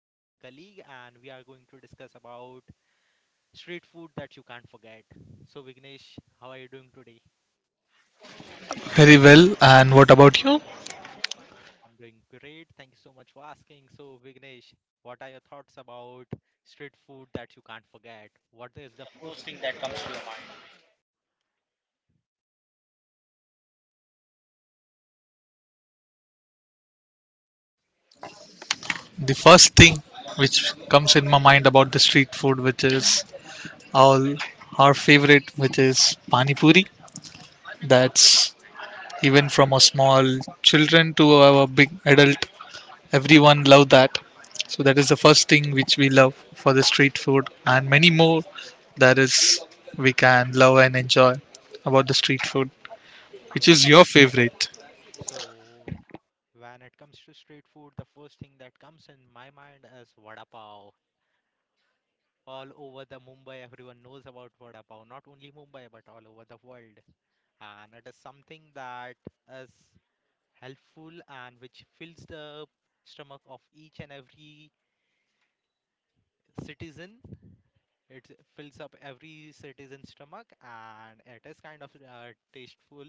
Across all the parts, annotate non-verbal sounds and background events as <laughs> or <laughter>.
who is my colleague, and we are going to discuss about street food that you can't forget. So, Vignesh, how are you doing today? Very well. And what about you? I'm doing great. Thank you so much for asking. So, Vignesh, what are your thoughts about street food that you can't forget? What is the first thing that. The first thing which comes in my mind about the street food, which is all our favorite, which is pani puri. That's even from a small children to our big adult, everyone love that. So that is the first thing which we love for the street food, and many more that is we can love and enjoy about the street food. Which Yes. is your favorite? So when it comes to street food, the first thing that comes in my mind is vada pav. All over the Mumbai, everyone knows about Vada Pav. Not only Mumbai, but all over the world. And it is something that is helpful and which fills the stomach of each and every citizen. It fills up every citizen's stomach, and it is kind of tasteful.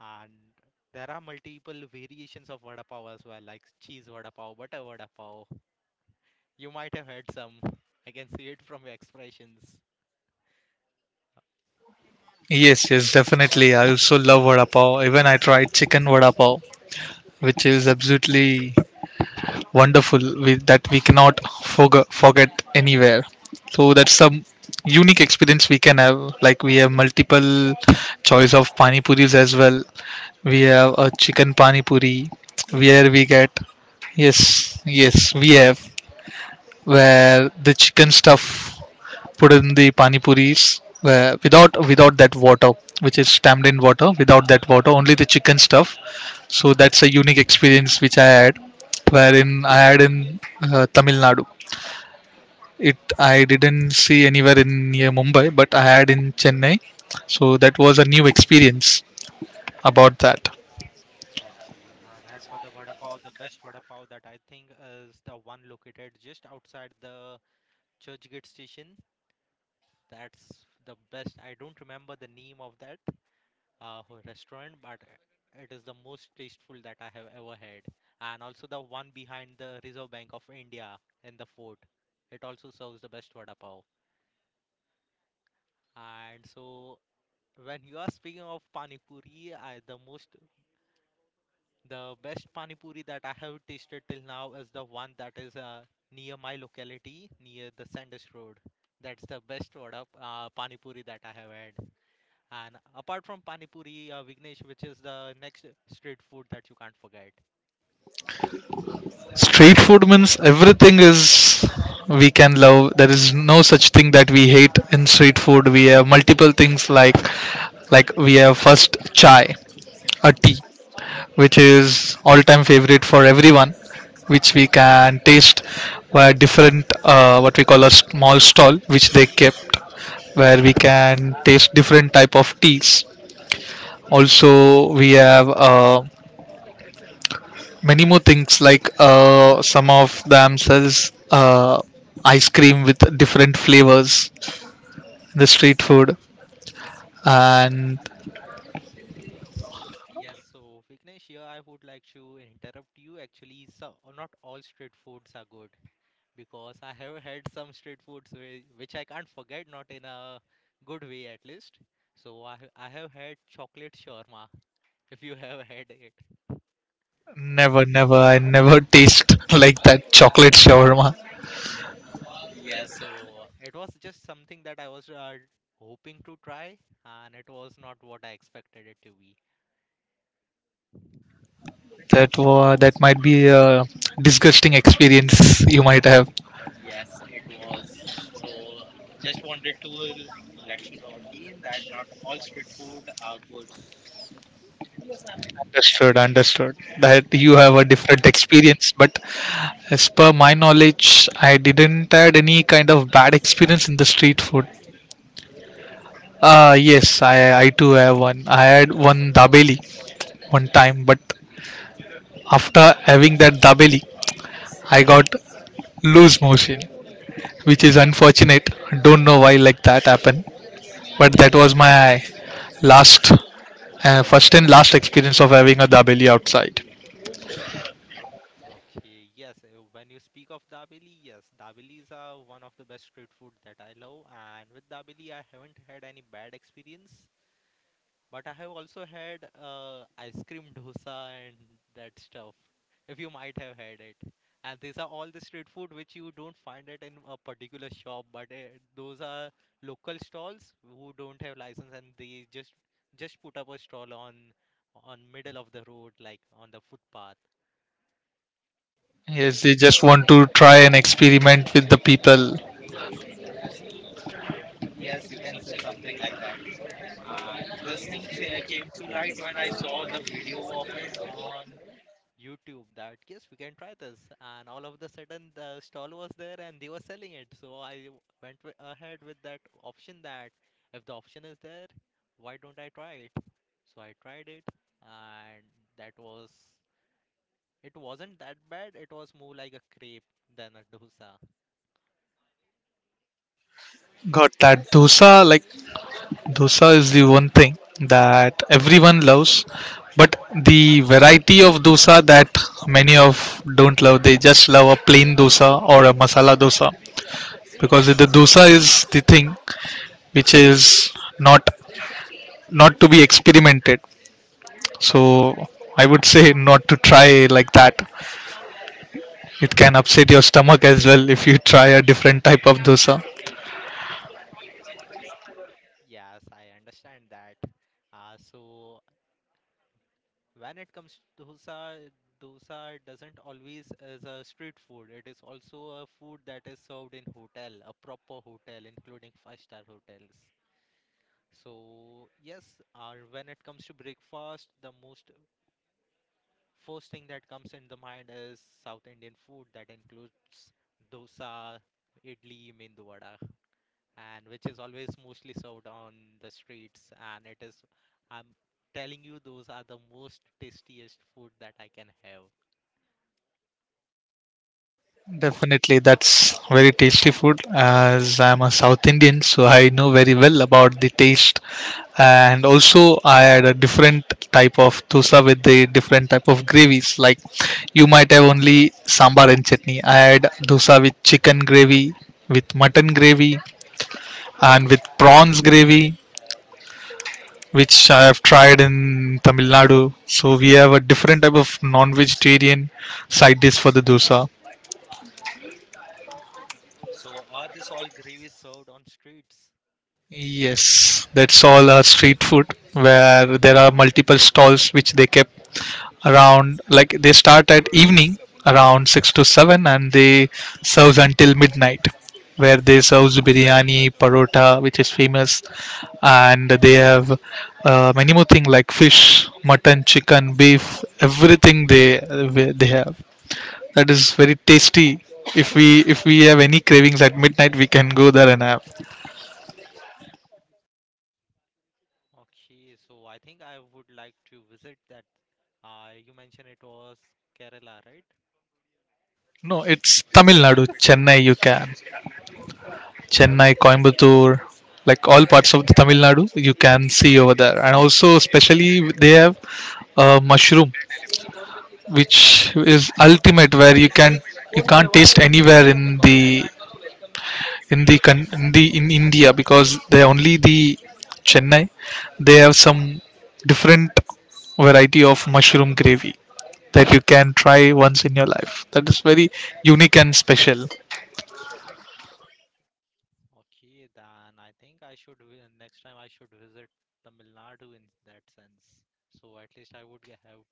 And there are multiple variations of Vada Pav as well, like cheese Vada Pav, butter Vada Pav. You might have had some. I can see it from your expressions. Yes, yes, definitely. I also love vada pav. Even I tried chicken vada pav, which is absolutely wonderful. That we cannot forget anywhere. So that's some unique experience we can have. Like we have multiple choice of pani puris as well. We have a chicken pani puri, where we get, yes, yes, we have, where the chicken stuff put in the pani puris, without that water, which is stamped in water without that water, only the chicken stuff. So that's a unique experience which I had, wherein I had in Tamil Nadu. It I didn't see anywhere in near Mumbai, but I had in Chennai. So that was a new experience about that. Okay, and as for the vada pav, the best vada pav that I think is the one located just outside the Churchgate Station. That's the best. I don't remember the name of that restaurant, but it is the most tasteful that I have ever had. And also the one behind the Reserve Bank of India in the fort. It also serves the best vada pav. And so when you are speaking of pani puri, I, the most the best pani puri that I have tasted till now is the one that is near my locality, near the Sandus Road. That's the best vada pani puri that I have had. And apart from pani puri, Vignesh, which is the next street food that you can't forget? Street food means everything is we can love. There is no such thing that we hate in street food. We have multiple things like, we have first chai, a tea, which is all time favorite for everyone, which we can taste via different, what we call, a small stall which they kept, where we can taste different type of teas. Also we have many more things like, some of them sells ice cream with different flavors in the street food, and Yes, so Vignesh, here I would like to interrupt you. Actually, so not all street foods are good because I have had some street foods which I can't forget, not in a good way at least. So I have had chocolate shawarma. If you <laughs> have had it. never never I never taste <laughs> like that chocolate shawarma. Yeah, so it was just something that I was hoping to try, and it was not what I expected it to be. That was that might be a disgusting experience you might have. Yes, it was. So just wanted to let you know again that not all street food are good. Understood, that you have a different experience, but as per my knowledge, I didn't had any kind of bad experience in the street food. Yes, I too have one. I had one dabeli one time, but after having that dabeli, I got loose motion, which is unfortunate. Don't know why like that happened, but that was my last, first and last experience of having a dabeli outside. Okay, yes, when you speak of dabeli, yes, dabelis are one of the best street food that I love, and with dabeli, I haven't had any bad experience. But I have also had ice cream dosa and that stuff. If you might have had it. And these are all the street food which you don't find it in a particular shop, but those are local stalls who don't have license and they just put up a stall on middle of the road, like on the footpath. Yes, they just want to try and experiment with the people. Yes, you can say something like that. And this thing came to light when I saw the video of it on YouTube that yes, we can try this. And all of the sudden, the stall was there and they were selling it. So I ahead with that option that if the option is there, why don't I try it? So I tried it, and that was it wasn't that bad. It was more like a crepe than a dosa. Got that dosa. Like, dosa is the one thing that everyone loves, but the variety of dosa that many of don't love, they just love a plain dosa or a masala dosa, because the dosa is the thing which is, not to be experimented. So I would say not to try like that. It can upset your stomach as well if you try a different type of dosa. Yes, I understand that. So when it comes to dosa, dosa doesn't always as a street food. It is also a food that is served in hotel, a proper hotel, including five-star hotels. So yes, or when it comes to breakfast, the most first thing that comes in the mind is South Indian food that includes dosa, idli, mendu vada, and which is always mostly served on the streets. And it is, I'm telling you, those are the most tastiest food that I can have. Definitely, that's very tasty food. As I'm a South Indian, so I know very well about the taste. And also, I had a different type of dosa with the different type of gravies. Like, you might have only sambar and chutney. I had dosa with chicken gravy, with mutton gravy, and with prawns gravy, which I have tried in Tamil Nadu. So we have a different type of non-vegetarian side dish for the dosa. So are this all gravies served on streets? Yes, that's all street food, where there are multiple stalls which they kept around. Like, they start at evening around 6 to 7 and they serve until midnight, where they serve biryani, parota, which is famous, and they have many more things like fish, mutton, chicken, beef, everything they have. That is very tasty. If we have any cravings at midnight, we can go there and have. Okay, so I think I would like to visit that. You mentioned it was Kerala, right? No, it's Tamil Nadu, Chennai. You can. Okay, Chennai, Coimbatore, like all parts of the Tamil Nadu, you can see over there. And also, especially they have mushroom, which is ultimate, where you can't taste anywhere in the in the in India, because they only the Chennai. They have some different variety of mushroom gravy that you can try once in your life. That is very unique and special. okay, then I think I should next time I should visit Tamil Nadu in that sense. So at least I would have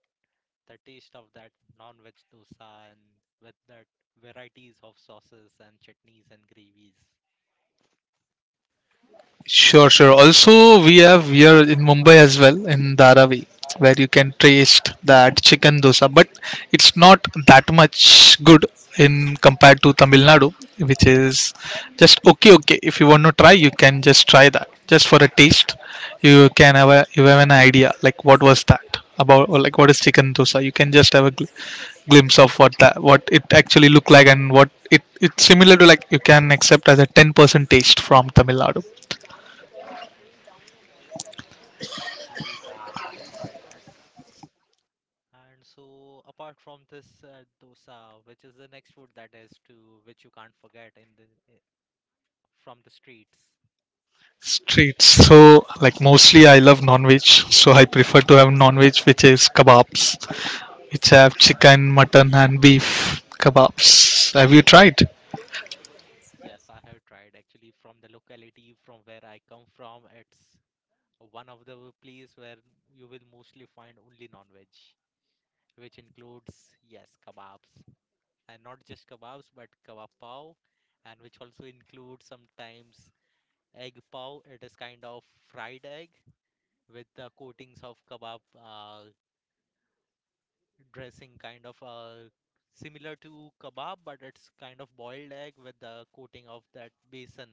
the taste of that non-veg dosa and with that varieties of sauces and chutneys and gravies. Sure, sure. Also, we have here in Mumbai as well in Dharavi, where you can taste that chicken dosa, but it's not that much good in compared to Tamil Nadu, which is just okay. Okay, if you want to try, you can just try that just for a taste. You have an idea like what was that about, or like what is chicken dosa. You can just have a glimpse of what that what it actually look like and what it's similar to, like you can accept as a 10% taste from Tamil Nadu. Okay, then I will try that. And so, apart from this dosa, which is the next food that is to which you can't forget in the eh, from the streets. Streets. So, like mostly I love non-veg, so I prefer to have non-veg, which is kebabs, which have chicken, mutton, and beef kebabs. Have you tried? Yes, I have tried actually from the locality from where I come from. It's one of the place where you will mostly find only non-veg, which includes yes kebabs and not just kebabs but kebab pav, and which also includes sometimes egg pav. It is kind of fried egg with the coatings of kebab dressing kind of similar to kebab, but it's kind of boiled egg with the coating of that besan.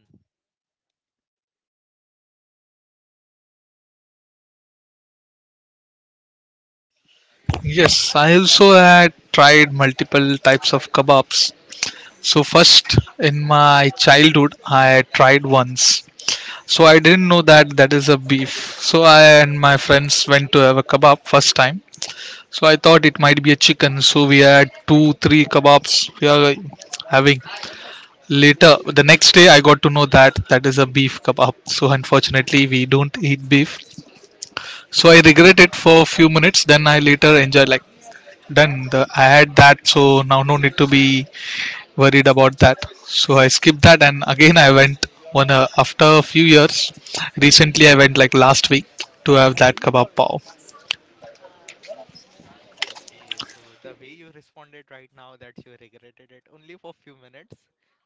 Yes, I also had tried multiple types of kebabs. So first, in my childhood, I had tried once. So I didn't know that that is a beef. So I and my friends went to have a kebab first time. So I thought it might be a chicken. So we had two, three kebabs. We are having. Later, the next day, I got to know that that is a beef kebab. So, unfortunately, we don't eat beef. So, I regret it for a few minutes. Then, I later enjoy, like, done. I had that, so now no need to be worried about that. So, I skipped that, and again, I went one after a few years. Recently, I went like last week to have that kebab pav. Okay, so the way you responded right now that you regretted it only for few minutes,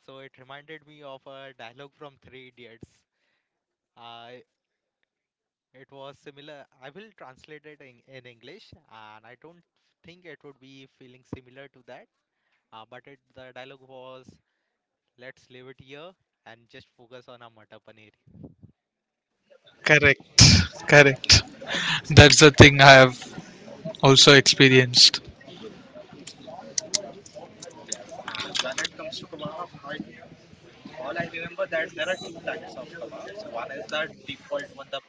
so it reminded me of a dialogue from Three Idiots. Uh, it was similar. I will translate it in, English, and I don't think it would be feeling similar to that. But the dialogue was, "Let's leave it here and just focus on our mutton paneer." Correct, correct. That's the thing I have also experienced. Yes, and when it comes to kebab, I all I remember that there are two types of kebabs. One is that default one, the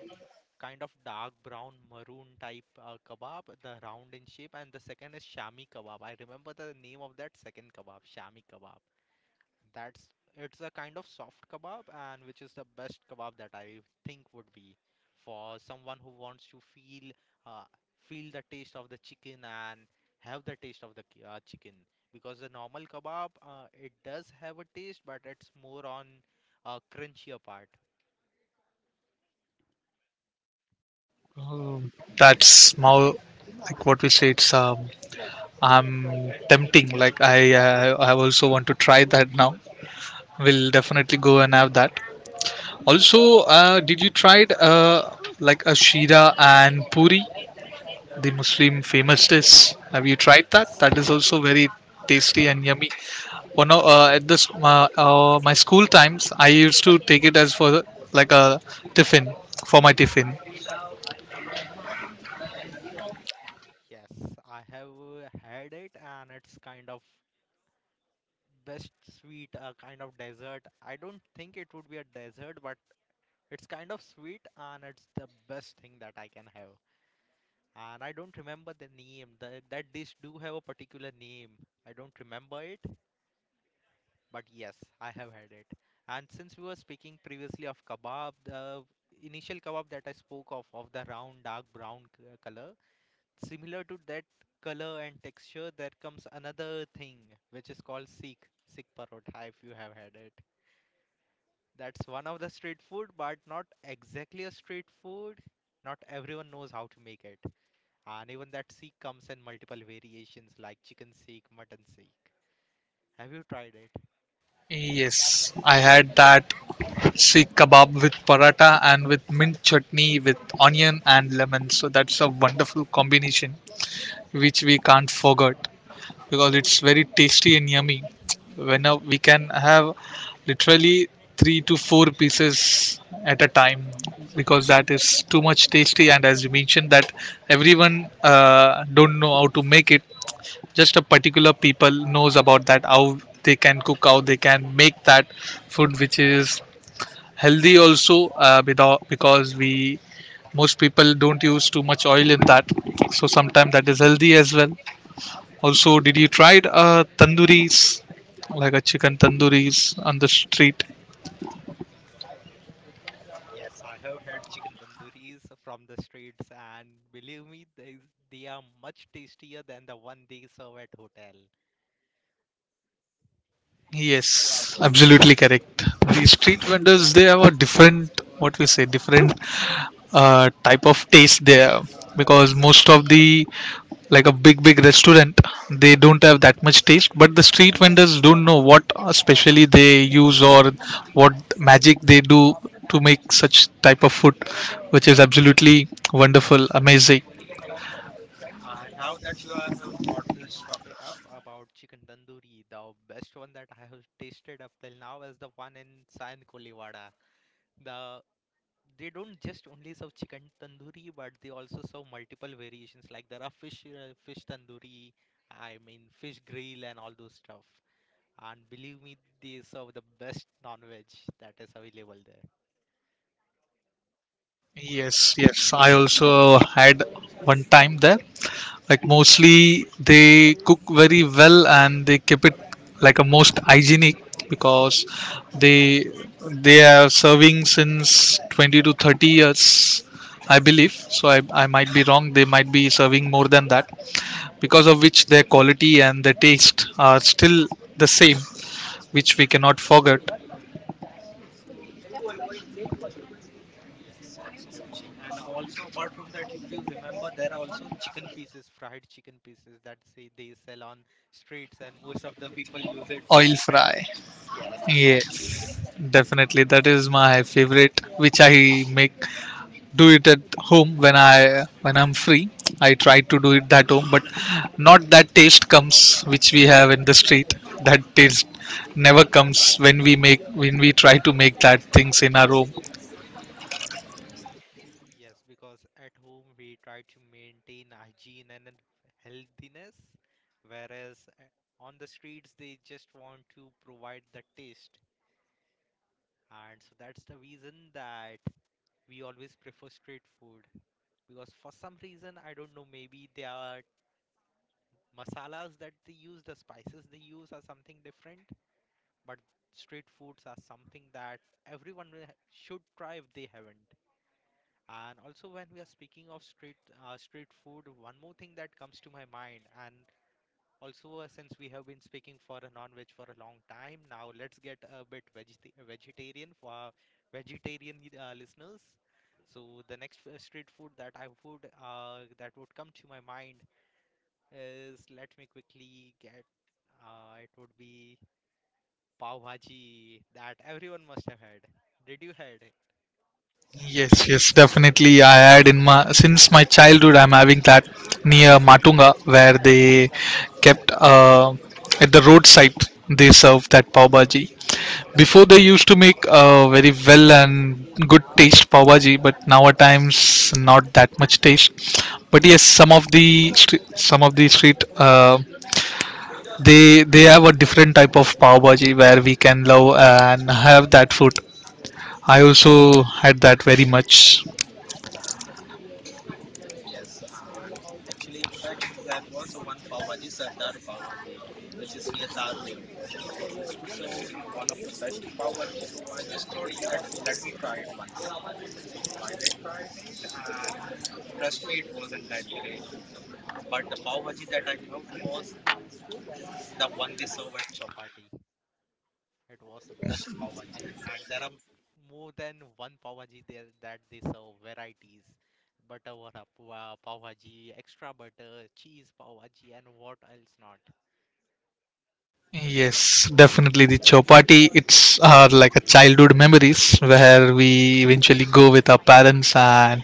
kind of dark brown maroon type kebab, the round in shape, and the second is shami kebab. I remember the name of that second kebab, shami kebab. That's it's a kind of soft kebab, and which is the best kebab that I think would be for someone who wants to feel uh, feel the taste of the chicken and have the taste of the chicken. Because the normal kebab, it does have a taste, but it's more on crunchier part. That's how, like, what we say, it's, I'm tempting. Like I also want to try that now. We'll definitely go and have that. Also, did you tried like a shira and puri, the Muslim famous dish? Have you tried that? Yes, That is yes, also very tasty and yummy. At this my school times, I used to take it as for like a tiffin for my tiffin. yes. I have had it, and it's kind of best sweet, kind of dessert. I don't think it would be a dessert, but it's kind of sweet and it's the best thing that I can have. And I don't remember the name. That dish do have a particular name. I don't remember it, but yes, I have had it. And since we were speaking previously of kebab, the initial kebab that I spoke of the round dark brown color, similar to that color and texture, there comes another thing which is called Sikh parotha if you have had it. That's one of the street food, but not exactly a street food. Not everyone knows how to make it. And even that seek comes in multiple variations like chicken seek, mutton seek. Have you tried it? Yes, I had that sikh kebab with paratha and with mint chutney with onion and lemon. So that's a wonderful combination which we can't forget because it's very tasty and yummy. When we can have literally three to four pieces at a time, because that is too much tasty. And as you mentioned that everyone don't know how to make it, just a particular people knows about that, how they can cook, how they can make that food, which is healthy also, without, because we most people don't use too much oil in that, so sometimes that is healthy as well. Also, did you try tanduris, like a chicken tanduris on the street? Yes, I have had chicken tandooris from the streets, and believe me, they are much tastier than the one they serve at hotel. Yes, absolutely correct. The street vendors, they have a different, what we say, different type of taste there, because most of the, like a big big restaurant, they don't have that much taste, but the street vendors, don't know what especially they use, or what magic they do to make such type of food, which is absolutely wonderful, amazing. And now that you have brought this topic up about chicken tandoori, the best one that I have tasted up till now is the one in San Kolivada. The they don't just only serve chicken tandoori but they also serve multiple variations like there are fish tandoori, I mean fish grill and all those stuff. And believe me, they serve the best non-veg that is available there. Yes, yes. I also had one time there. Like mostly they cook very well and they keep it like a most hygienic, because they they are serving since 20 to 30 years, I believe. So I might be wrong. They might be serving more than that, because of which their quality and their taste are still the same, which we cannot forget. Yes, absolutely. And also apart from that, if you remember, there are also chicken pieces, fried chicken pieces that say they sell on streets and most of the people use it while Oil fry. drinking. Yes, absolutely. Yes, definitely. That is my favorite, which I make do it at home when I when I'm free. I try to do it that home, but not that taste comes which we have in the street. That taste never comes when we make when we try to make that things in our home. Yes, because at home we try to maintain hygiene and then healthiness, whereas on the streets they just want to provide the taste. And so that's the reason that we always prefer street food because for some reason, I don't know, maybe they are masalas that they use, the spices they use are something different, but street foods are something that everyone will should try if they haven't. And also, when we are speaking of street food, one more thing that comes to my mind, and also since we have been speaking for a non-veg for a long time now, let's get a bit vegetarian for our vegetarian listeners. So the next street food that I would that would come to my mind is let me quickly get it would be pav bhaji that everyone must have had. Did you had? Yes, yes, definitely. I had in my since my childhood, I'm having that near Matunga where they kept, at the roadside. They serve that pav bhaji. Before they used to make very well and good taste pav bhaji, but now at times not that much taste. But yes, some of the street, they have a different type of pav bhaji where we can love and have that food. I also had that very much. Yes, and actually, in fact, there was one Pav Bhaji, Sardar Pav Bhaji, which is near Tardev. It used to serve one of the best Pav Bhaji, so I just thought let let me try it once. So I did try it, and trust me, it wasn't that great. But the Pav Bhaji that I loved was the one they serve at Chopati. It was the best pav bhaji, and there are more than one pav bhaji there that they serve varieties. Butter vada pav bhaji, extra butter, cheese pav bhaji, and what else not. Yes, definitely the chopati. It's our like a childhood memories where we eventually go with our parents and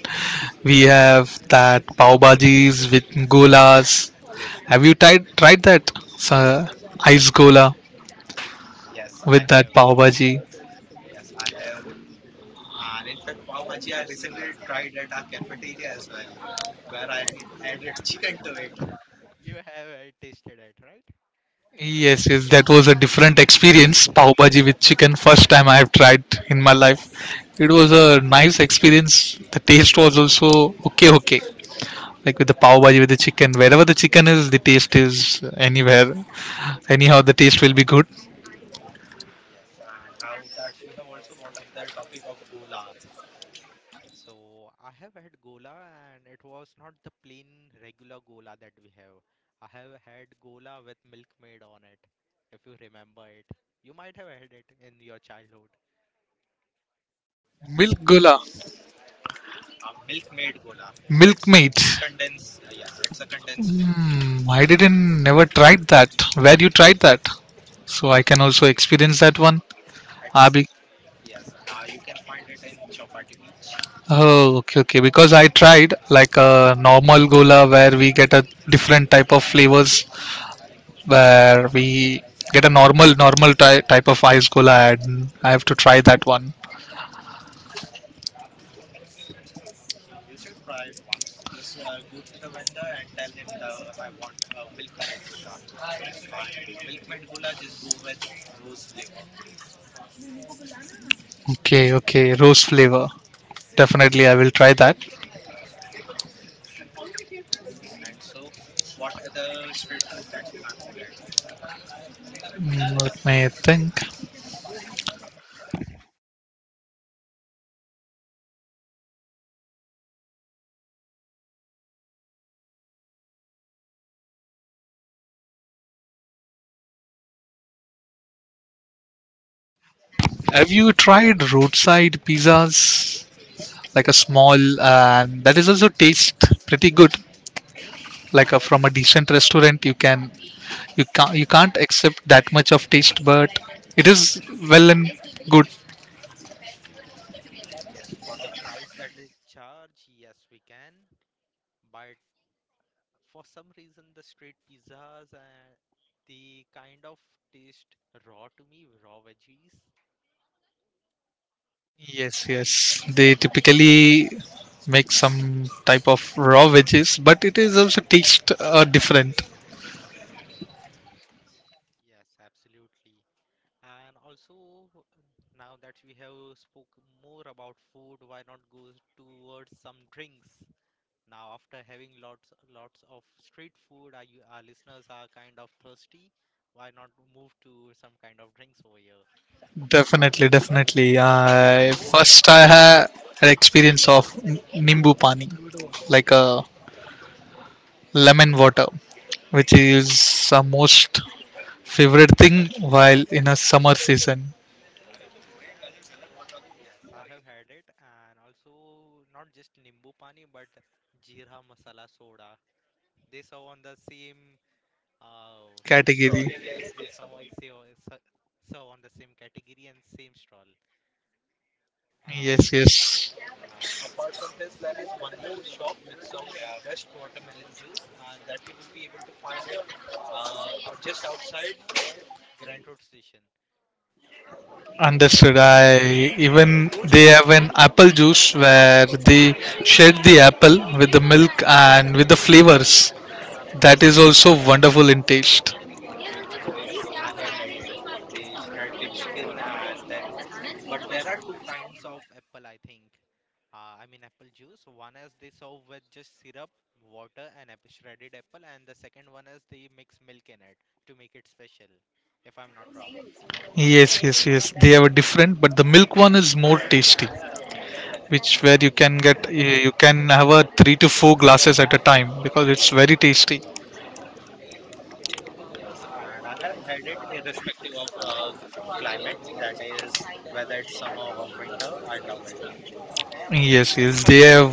we have that pav bhajis with golas. Have you tried that, sir? Ice gola Yes, I with that, have have. pav bhaji? Yes, I have. And in fact, pav bhaji I recently tried at our cafeteria as well, where I added chicken to it. You have tasted it, right? Yes, yes, that was a different experience. Pav bhaji with chicken, first time I have tried in my life. It was a nice experience. The taste was also okay, okay. Like, with the pav bhaji with the chicken, wherever the chicken is, the taste is anywhere, anyhow, the taste will be good. Yes, and now that you have also brought up the topic of gola, so I have had gola and it was not the plain regular gola that we have. I have had gola with milkmaid on it. If you remember it, you might have had it in your childhood. Milk gula. A milkmaid gola. Milk It's a meat. Condensed Milk. milk. Hmm, I didn't never tried that. Where you tried that, so I can also experience that one? It's Abi? Yes, you can find it in Chopati Beach. Oh, okay, okay. Because I tried like a normal gola where we get a different type of flavors, where we get a normal type of ice gola, and I have to try that one. Okay, you should try it once. Just go to the vendor and tell him the I want a and milkmaid gola, just go with rose flavor. Okay, okay, rose flavor. Definitely, I will try that. And so, what other street food that you can't forget? Mm, let me think. Have you tried roadside pizzas? Like a Uh, small, and that is also taste pretty good. Like a, yes, from a decent restaurant, you can you can't accept that much of taste, but it is well and good. yes, for the price that they charge, yes, we can. But for some reason, the street pizzas and they kind of taste raw to me, raw veggies. Yes, yes. They typically make some type of raw veggies, but it is also taste different. Yes, absolutely. And also, now that we have spoken more about food, why not go towards some drinks? Now, after having lots of street food, our listeners are kind of thirsty. Why not move to some kind of drinks over here? Definitely, definitely. I first I had an experience of nimbu pani, like a lemon water, which is the most favorite thing while in a summer season Yes, I have had it, and also not just nimbu pani, but jeera masala soda. They serve on the same stall. category. Yes, they somehow serve on the same category and same stall. Uh, Yes, yes. And apart from this, there is one more shop which serves best watermelon juice, and that you will be able to find it out just outside the Grand Road station. Understood. I even they have an apple juice where they shake the apple with the milk and with the flavors. That is also wonderful in taste. Yes, I have had it. They shred the chicken and then, but there are two kinds of apple, I think. I mean apple juice. One is they serve with just syrup, water, and apple, shredded apple, and the second one is they mix milk in it to make it special, if I'm not wrong. Yes, yes, yes. They are different, but the milk one is more tasty. Which where you can get eh, you can have a three to four glasses at a time because it's very tasty. Yes, and I have had it irrespective of climate, that is, whether it's summer or winter, I love it. Yes, yes. They have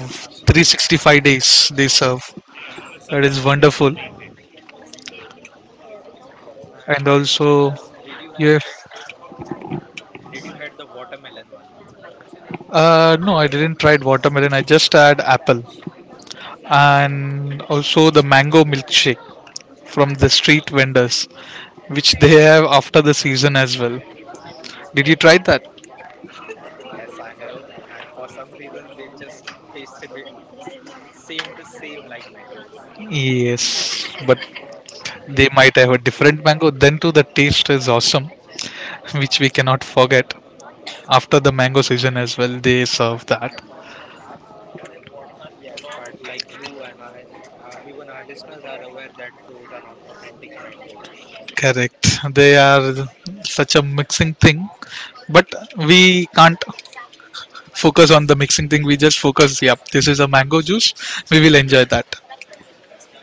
365 days they serve. That is wonderful. Yes, and And by any chance, also, did you yeah. had did you had the watermelon one? No, I didn't try watermelon. I just had apple and also the mango milkshake from the street vendors, which they have after the season as well. Did you try that? Yes, I have, and for some reason they just taste simi s- seem to seem like mangoes. Yes, but they might have a different mango. Then too, the taste is awesome <laughs> which we cannot forget. After the mango season as well, they serve that. Yes, but like you and I, even our listeners are aware that those are not authentic mangoes. Correct, they are such a mixing thing, but we can't focus on the mixing thing. We just focus, yep, this is a mango juice, we will enjoy that.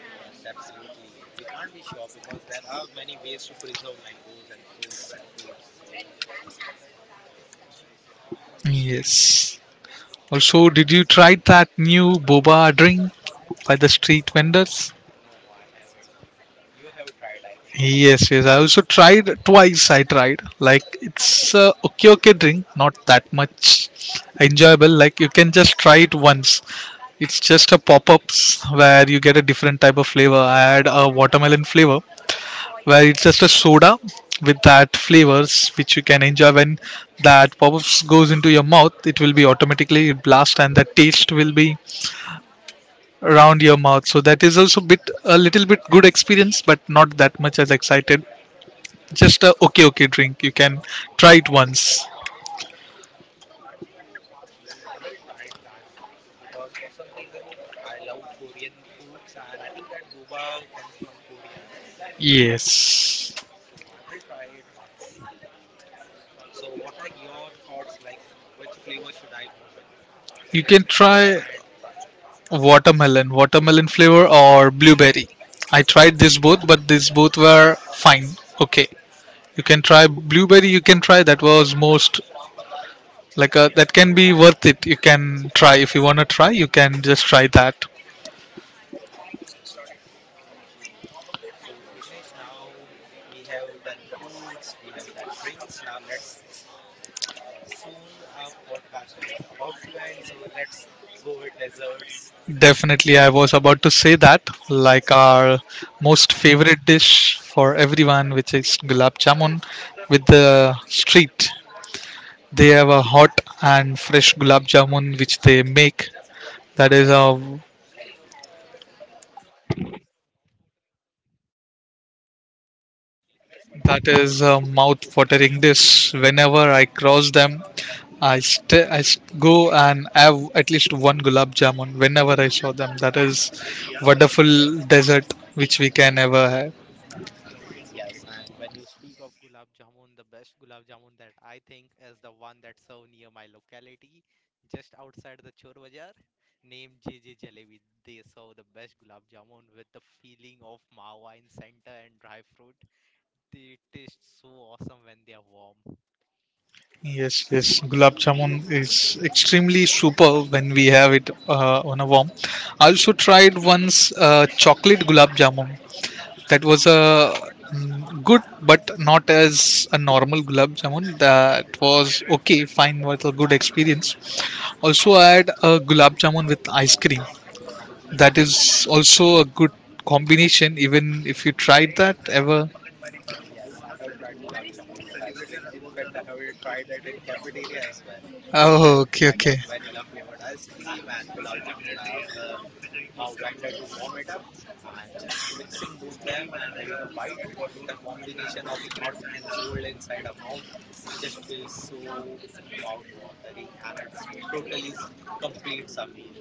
Yes, absolutely. We can't be sure because there are many ways to preserve mangoes and fruits and foods. Yes, also, did you try that new boba drink by the street vendors? No, I haven't. You have tried, I think. Yes, yes. I also tried twice. I tried, like, it's a okay, okay drink, not that much enjoyable. Like, you can just try it once. It's just a pop-ups where you get a different type of flavor. I had a watermelon flavor where it's just a soda with that flavors, which you can enjoy when that pop-ups goes into your mouth. It will be automatically blast and the taste will be around your mouth. So that is also bit a little bit good experience, but not that much as excited, just a okay, okay drink. You can try it once. Okay, I will try it that once because for some reason I love Korean foods and I think that boba comes from Korea, right? Yes. So I will try it once. So what are your thoughts like which flavor should I go with You if can it's my first try time trying? watermelon, watermelon flavor or blueberry. I tried this both, but these both were fine. Okay. You can try blueberry, you can try, that was most like a, that can be worth it. You can try, if you want to try, you can just try that. Okay, so Vignesh, now we have done foods, we have done drinks. Now let's soon our podcast is about to end, so let's go with desserts. Definitely, I was about to say that, like, our most favorite dish for everyone, which is gulab jamun with the street. They have a hot and fresh gulab jamun which they make. That is a mouth-watering dish. Whenever I cross them, I go and have at least one gulab jamun whenever I saw them. That is wonderful dessert which we can ever have. Yes, and when you speak of gulab jamun, the best gulab jamun that I think is the one that's served near my locality, just outside the Chor Bazaar, named J J Jalebi. They serve the best gulab jamun with the feeling of mawa in center and dry fruit. They taste so awesome when they are warm. Yes, yes, gulab jamun is extremely super when we have it on a warm. I also tried once chocolate gulab jamun. That was a mm, good, but not as a normal gulab jamun. That was okay fine, was a good experience. Also, I had a gulab jamun with ice cream. That is also a good combination. Even if you tried that ever. Yes, I have tried gulab jamun with ice cream. In fact, I have tried it in cafeteria as well. I Oh, okay, I okay. got vanilla flavored ice cream and gulab jamun. I asked the our vendor to warm it up and just mixing both them and having a bite. The combination of hot and cold inside a mouth just feels so mouth watering and it's totally completes a meal.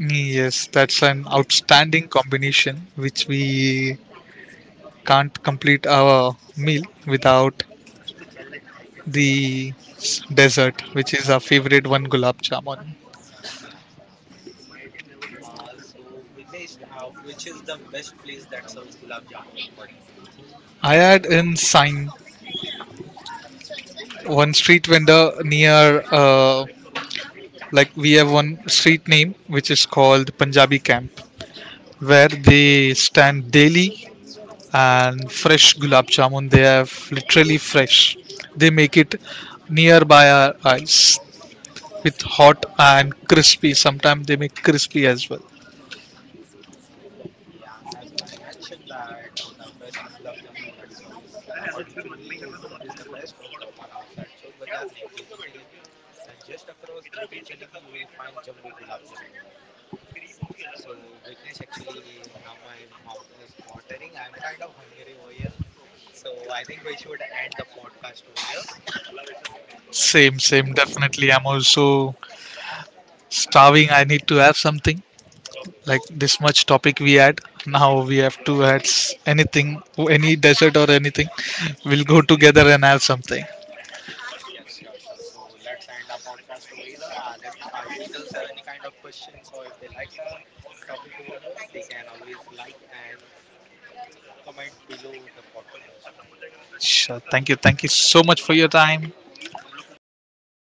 Yes, that's an outstanding combination which we can't complete our meal without the dessert, which is our favorite one, gulab jamun. Yes, absolutely. So Vignesh, which is the best place that serves gulab jamun according to you? I had in sign one street vendor near, like we have one street name which is called Punjabi Camp, where they stand daily and fresh gulab jamun. They have literally fresh, they make it nearby our eyes, with hot and crispy, sometimes they make crispy as well. Okay, and as I mentioned that the best gulab jamun that sells, according to me, is the best is the one outside Chor Bazaar named J J Jalebi, and just across J J Jalebi you will find Jumbo Gulab Jamun. So Vignesh, actually, now my mouth is watering. I'm kind of hungry over here, so I think we should end the podcast over here. Same, same. Definitely, I'm also starving. I need to have something. Like, this much topic we had, now we have to add anything, any dessert or anything <laughs> we'll go together and have something. Yes, sure, sure. So let's end our podcast over here. And if our users have any kind of questions or if they like the topic over here, they can always like and comment below the podcast. Sure, thank Thank you, you. thank you so much for Bye your time. bye.